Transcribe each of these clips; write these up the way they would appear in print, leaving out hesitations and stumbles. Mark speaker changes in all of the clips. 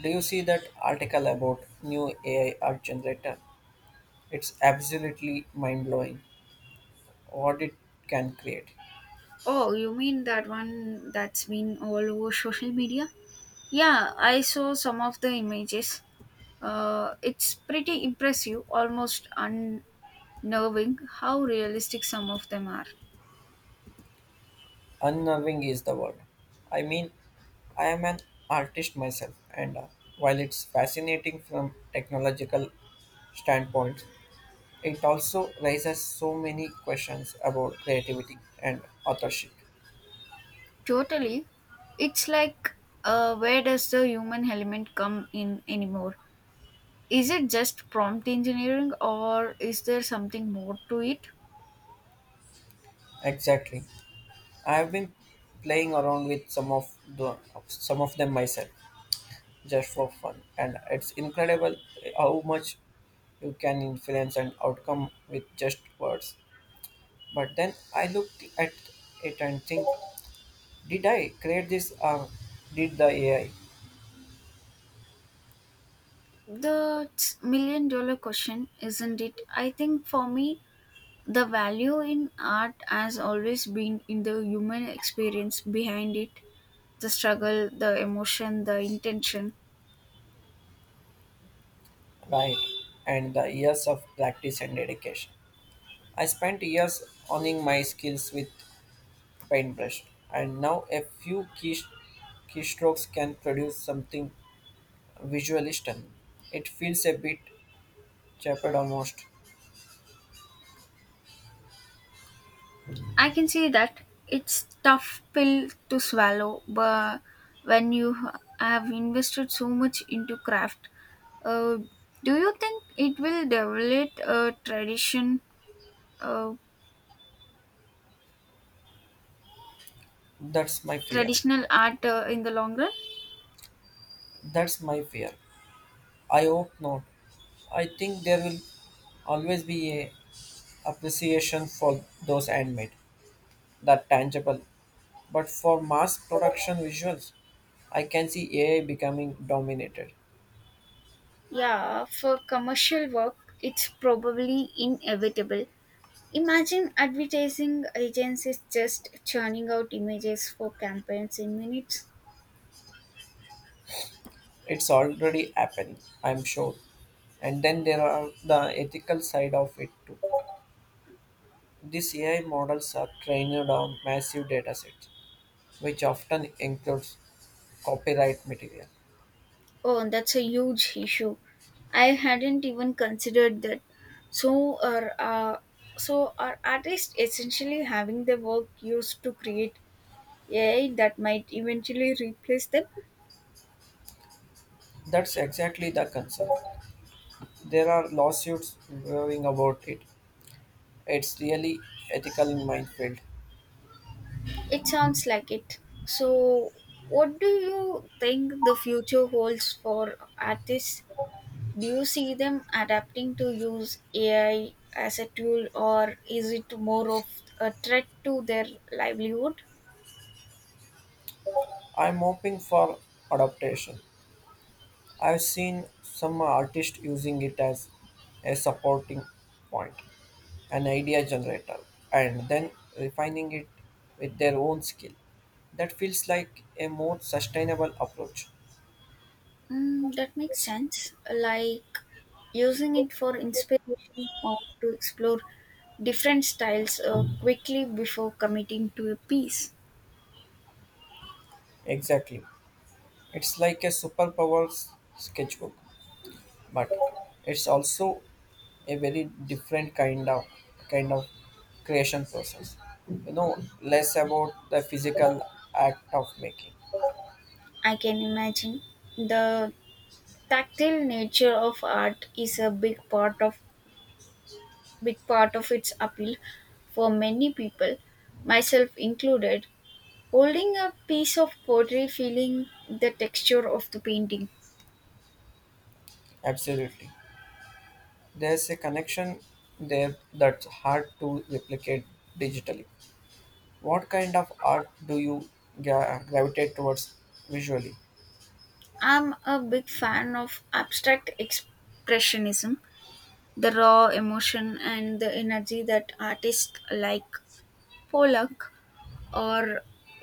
Speaker 1: Do you see that article about new AI art generator? It's absolutely mind blowing what it can create.
Speaker 2: Oh, you mean that one that's been all over social media? Yeah, I saw some of the images. It's pretty impressive, almost unnerving how realistic some of them are.
Speaker 1: Unnerving is the word. I mean, I am an artist myself, and while it's fascinating from technological standpoint, it also raises so many questions about creativity and authorship.
Speaker 2: Totally. It's like, where does the human element come in anymore? Is it just prompt engineering or is there something more to it?
Speaker 1: Exactly, I have been playing around with some of them myself just for fun. And it's incredible how much you can influence an outcome with just words. But then I looked at it and think, did I create this or did the AI?
Speaker 2: The million dollar question, isn't it? I think for me, the value in art has always been in the human experience behind it, the struggle, the emotion, the intention.
Speaker 1: Right. And the years of practice and dedication. I spent years honing my skills with paintbrush, and now a few keystrokes can produce something visually stunning. It feels a bit chapered almost.
Speaker 2: I can see that. It's tough pill to swallow, but when you have invested so much into craft, uh, do you think it will develop a tradition, uh,
Speaker 1: That's my fear.
Speaker 2: traditional art in the long run?
Speaker 1: That's my fear. I hope not. I think there will always be a appreciation for those handmade, that tangible. But for mass production visuals, I can see AI becoming dominated.
Speaker 2: Yeah, for commercial work, it's probably inevitable. Imagine advertising agencies just churning out images for campaigns in minutes.
Speaker 1: It's already happening, I'm sure. And then there are the ethical side of it too. These AI models are trained on massive data sets, which often includes copyright material.
Speaker 2: Oh, that's a huge issue. I hadn't even considered that. So are uh, so are artists essentially having their work used to create AI that might eventually replace them?
Speaker 1: That's exactly the concern. There are lawsuits brewing about it. It's really ethical minefield.
Speaker 2: It sounds like it. So, what do you think the future holds for artists? Do you see them adapting to use AI as a tool, or is it more of a threat to their livelihood?
Speaker 1: I'm hoping for adaptation. I've seen some artists using it as a supporting point, an idea generator, and then refining it with their own skill. That feels like a more sustainable approach.
Speaker 2: Mm, that makes sense. Like using it for inspiration or to explore different styles, quickly before committing to a piece.
Speaker 1: Exactly. It's like a sketchbook, but it's also a very different kind of creation process, less about the physical act of making.
Speaker 2: I can imagine the tactile nature of art is a big part of its appeal for many people, myself included. Holding a piece of pottery, feeling the texture of the painting.
Speaker 1: Absolutely, there's a connection there that's hard to replicate digitally. What kind of art do you gravitate towards visually?
Speaker 2: I'm a big fan of abstract expressionism. The raw emotion and the energy that artists like Pollock or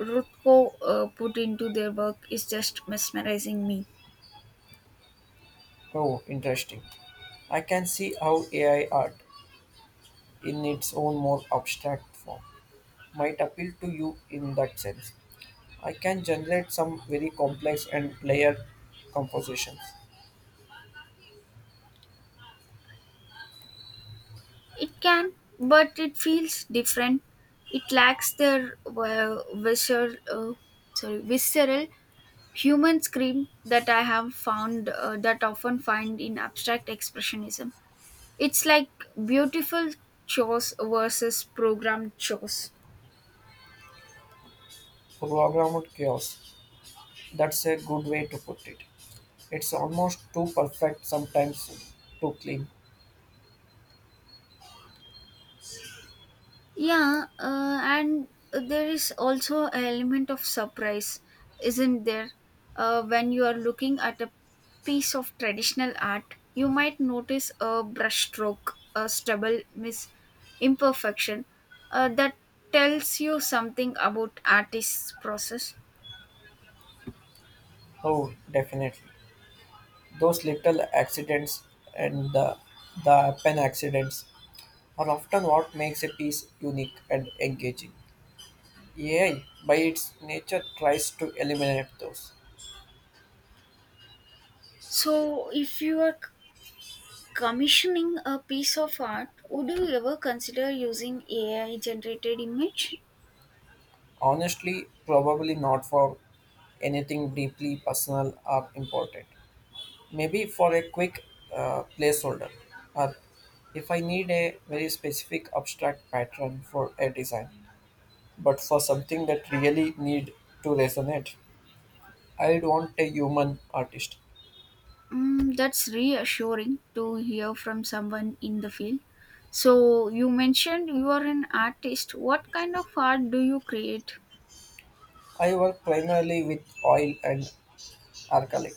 Speaker 2: Rothko put into their work is just mesmerizing me.
Speaker 1: Oh, interesting. I can see how AI art in its own more abstract form might appeal to you in that sense. I can generate some very complex and layered compositions,
Speaker 2: It can, but it feels different. It lacks their uh, visceral, sorry visceral human scream that I have found that often find in abstract expressionism. It's like beautiful chores versus programmed chores.
Speaker 1: programmed chaos. That's a good way to put it. It's almost too perfect, sometimes too clean.
Speaker 2: Yeah, and there is also an element of surprise, isn't there? When you are looking at a piece of traditional art, you might notice a brushstroke, a stubble, miss imperfection that tells you something about artist's process.
Speaker 1: Oh, definitely. Those little accidents and the pen accidents are often what makes a piece unique and engaging. AI, by its nature, tries to eliminate those.
Speaker 2: So, if you are c- commissioning a piece of art, would you ever consider using AI generated image?
Speaker 1: Honestly, probably not for anything deeply personal or important. Maybe for a quick placeholder, or if I need a very specific abstract pattern for a design. But for something that really need to resonate, I'd want a human artist.
Speaker 2: Mm, that's reassuring to hear from someone in the field. So, you mentioned you are an artist. What kind of art do you create?
Speaker 1: I work primarily with oil and acrylic.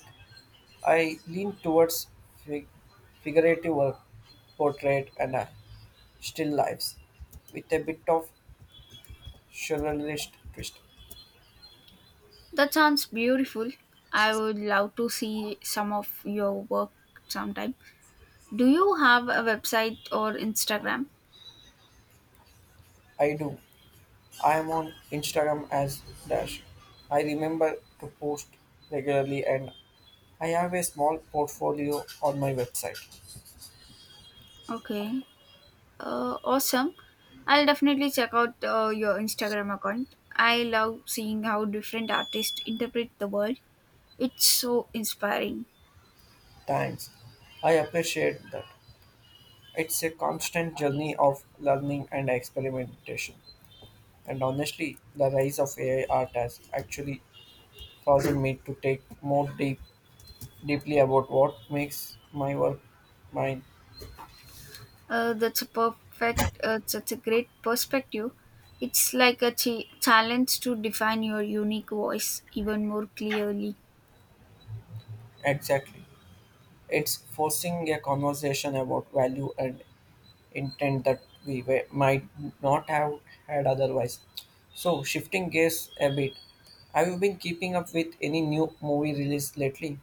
Speaker 1: I lean towards fig- figurative work, portrait, and still lives with a bit of surrealist twist.
Speaker 2: That sounds beautiful. I would love to see some of your work sometime. Do you have a website or Instagram?
Speaker 1: I do. I am on Instagram as Dash. I remember to post regularly and I have a small portfolio on my website.
Speaker 2: Okay. Awesome. I'll definitely check out your Instagram account. I love seeing how different artists interpret the world. It's so inspiring.
Speaker 1: Thanks. I appreciate that. It's a constant journey of learning and experimentation. And honestly, the rise of AI art has actually caused me to take more deeply about what makes my work mine
Speaker 2: That's a great perspective. It's like a challenge to define your unique voice even more clearly.
Speaker 1: exactly. It's forcing a conversation about value and intent that we were, might not have had otherwise. So, shifting gears a bit, have you been keeping up with any new movie release lately?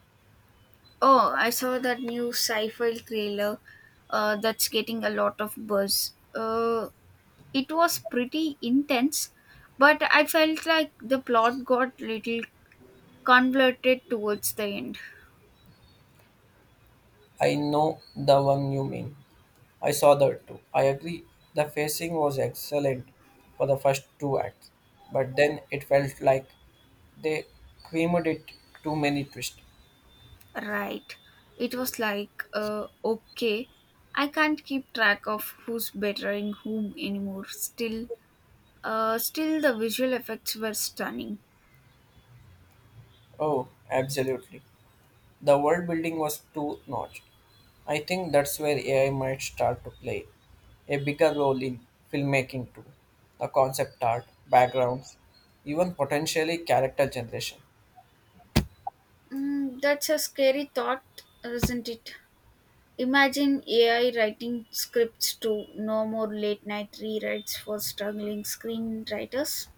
Speaker 2: Oh, I saw that new sci-fi trailer that's getting a lot of buzz. It was pretty intense, but I felt like the plot got little convoluted towards the end.
Speaker 1: I know the one you mean. I saw that too. I agree. The pacing was excellent for the first two acts, but then it felt like they creamed it too many twists.
Speaker 2: Right. It was like, okay, I can't keep track of who's bettering whom anymore. Still the visual effects were stunning.
Speaker 1: Oh, absolutely. The world building was too much. I think that's where AI might start to play a bigger role in filmmaking too. The concept art, backgrounds, even potentially character generation,
Speaker 2: Mm, that's a scary thought, isn't it? Imagine AI writing scripts too, no more late night rewrites for struggling screenwriters.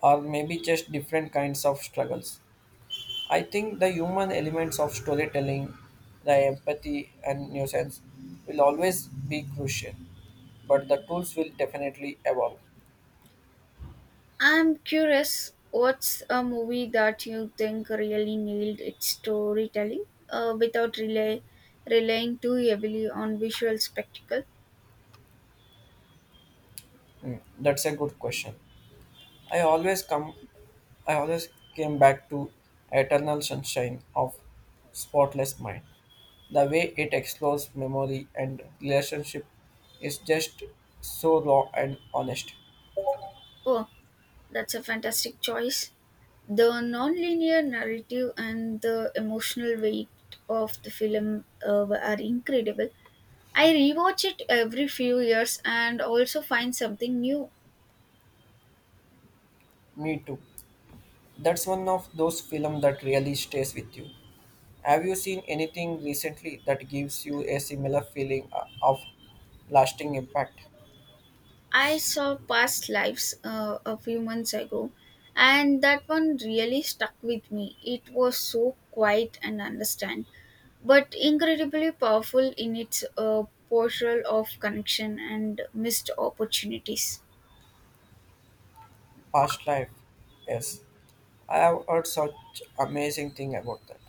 Speaker 1: or maybe just different kinds of struggles. I think the human elements of storytelling, the empathy and nuisance will always be crucial, but the tools will definitely evolve.
Speaker 2: I'm curious, what's a movie that you think really nailed its storytelling without relying too heavily on visual spectacle?
Speaker 1: Hmm, that's a good question. I always come I always came back to Eternal Sunshine of Spotless Mind. The way it explores memory and relationship is just so raw and honest.
Speaker 2: Oh, that's a fantastic choice. The non-linear narrative and the emotional weight of the film are incredible. I rewatch it every few years and also find something new.
Speaker 1: Me too. That's one of those films that really stays with you. Have you seen anything recently that gives you a similar feeling of lasting impact?
Speaker 2: I saw Past Lives a few months ago, and that one really stuck with me. It was so quiet and understand, but incredibly powerful in its portrayal of connection and missed opportunities.
Speaker 1: Past life. Yes. I have heard such amazing thing about that.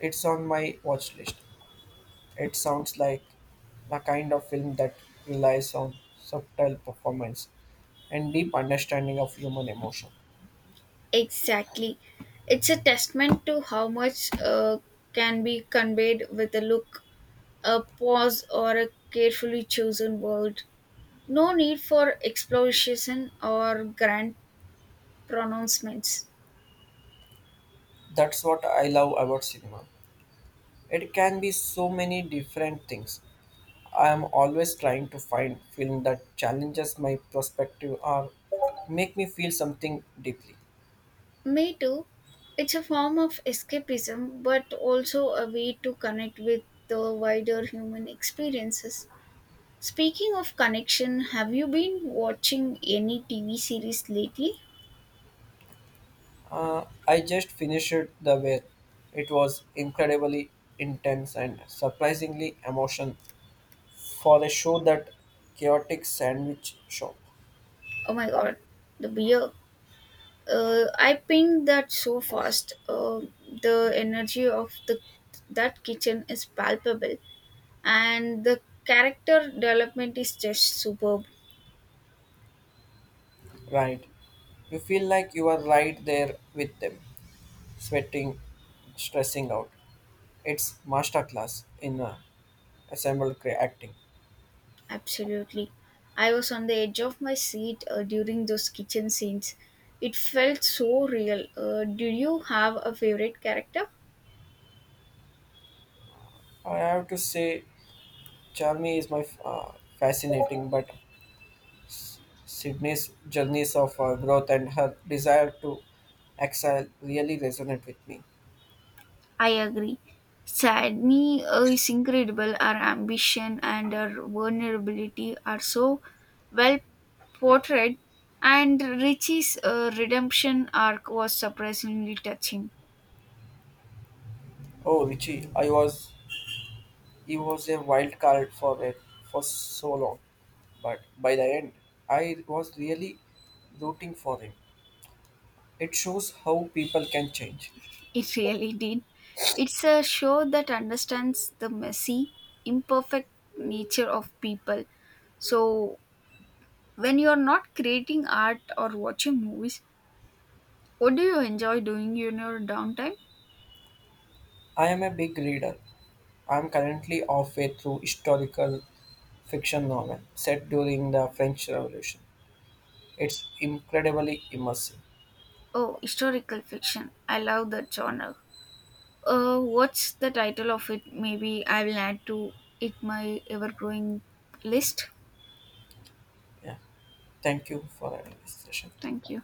Speaker 1: It's on my watch list. It sounds like the kind of film that relies on subtle performance and deep understanding of human emotion.
Speaker 2: Exactly. It's a testament to how much can be conveyed with a look, a pause, or a carefully chosen word. No need for explosion or grand pronouncements.
Speaker 1: That's what I love about cinema. It can be so many different things. I am always trying to find film that challenges my perspective or make me feel something deeply.
Speaker 2: Me too. It's a form of escapism, but also a way to connect with the wider human experiences. Speaking of connection, have you been watching any TV series lately?
Speaker 1: I just finished The Whale. It was incredibly intense and surprisingly emotional for the show that chaotic sandwich shop.
Speaker 2: Oh my god, the beer. I pinged that so fast. The energy of the that kitchen is palpable. And the character development is just superb.
Speaker 1: Right. You feel like you are right there with them, sweating, stressing out. It's masterclass in assembled acting.
Speaker 2: Absolutely. I was on the edge of my seat during those kitchen scenes. It felt so real. Did you have a favorite character?
Speaker 1: I have to say, Charmy is fascinating, but Sydney's journeys of growth and her desire to exile really resonate with me.
Speaker 2: I agree. Sadney is incredible. Her ambition and her vulnerability are so well portrayed, and Richie's redemption arc was surprisingly touching.
Speaker 1: Oh, Richie, I was he was a wild card for so long, but by the end, I was really rooting for him. It shows how people can change.
Speaker 2: It really did. It's a show that understands the messy, imperfect nature of people. So, when you're not creating art or watching movies, what do you enjoy doing in your downtime?
Speaker 1: I am a big reader. I am currently halfway through historical fiction novel set during the French Revolution. It's incredibly immersive.
Speaker 2: Oh, historical fiction. I love that genre. What's the title of it? Maybe I will add to it my ever growing list.
Speaker 1: Yeah. Thank you for having this session.
Speaker 2: Thank you.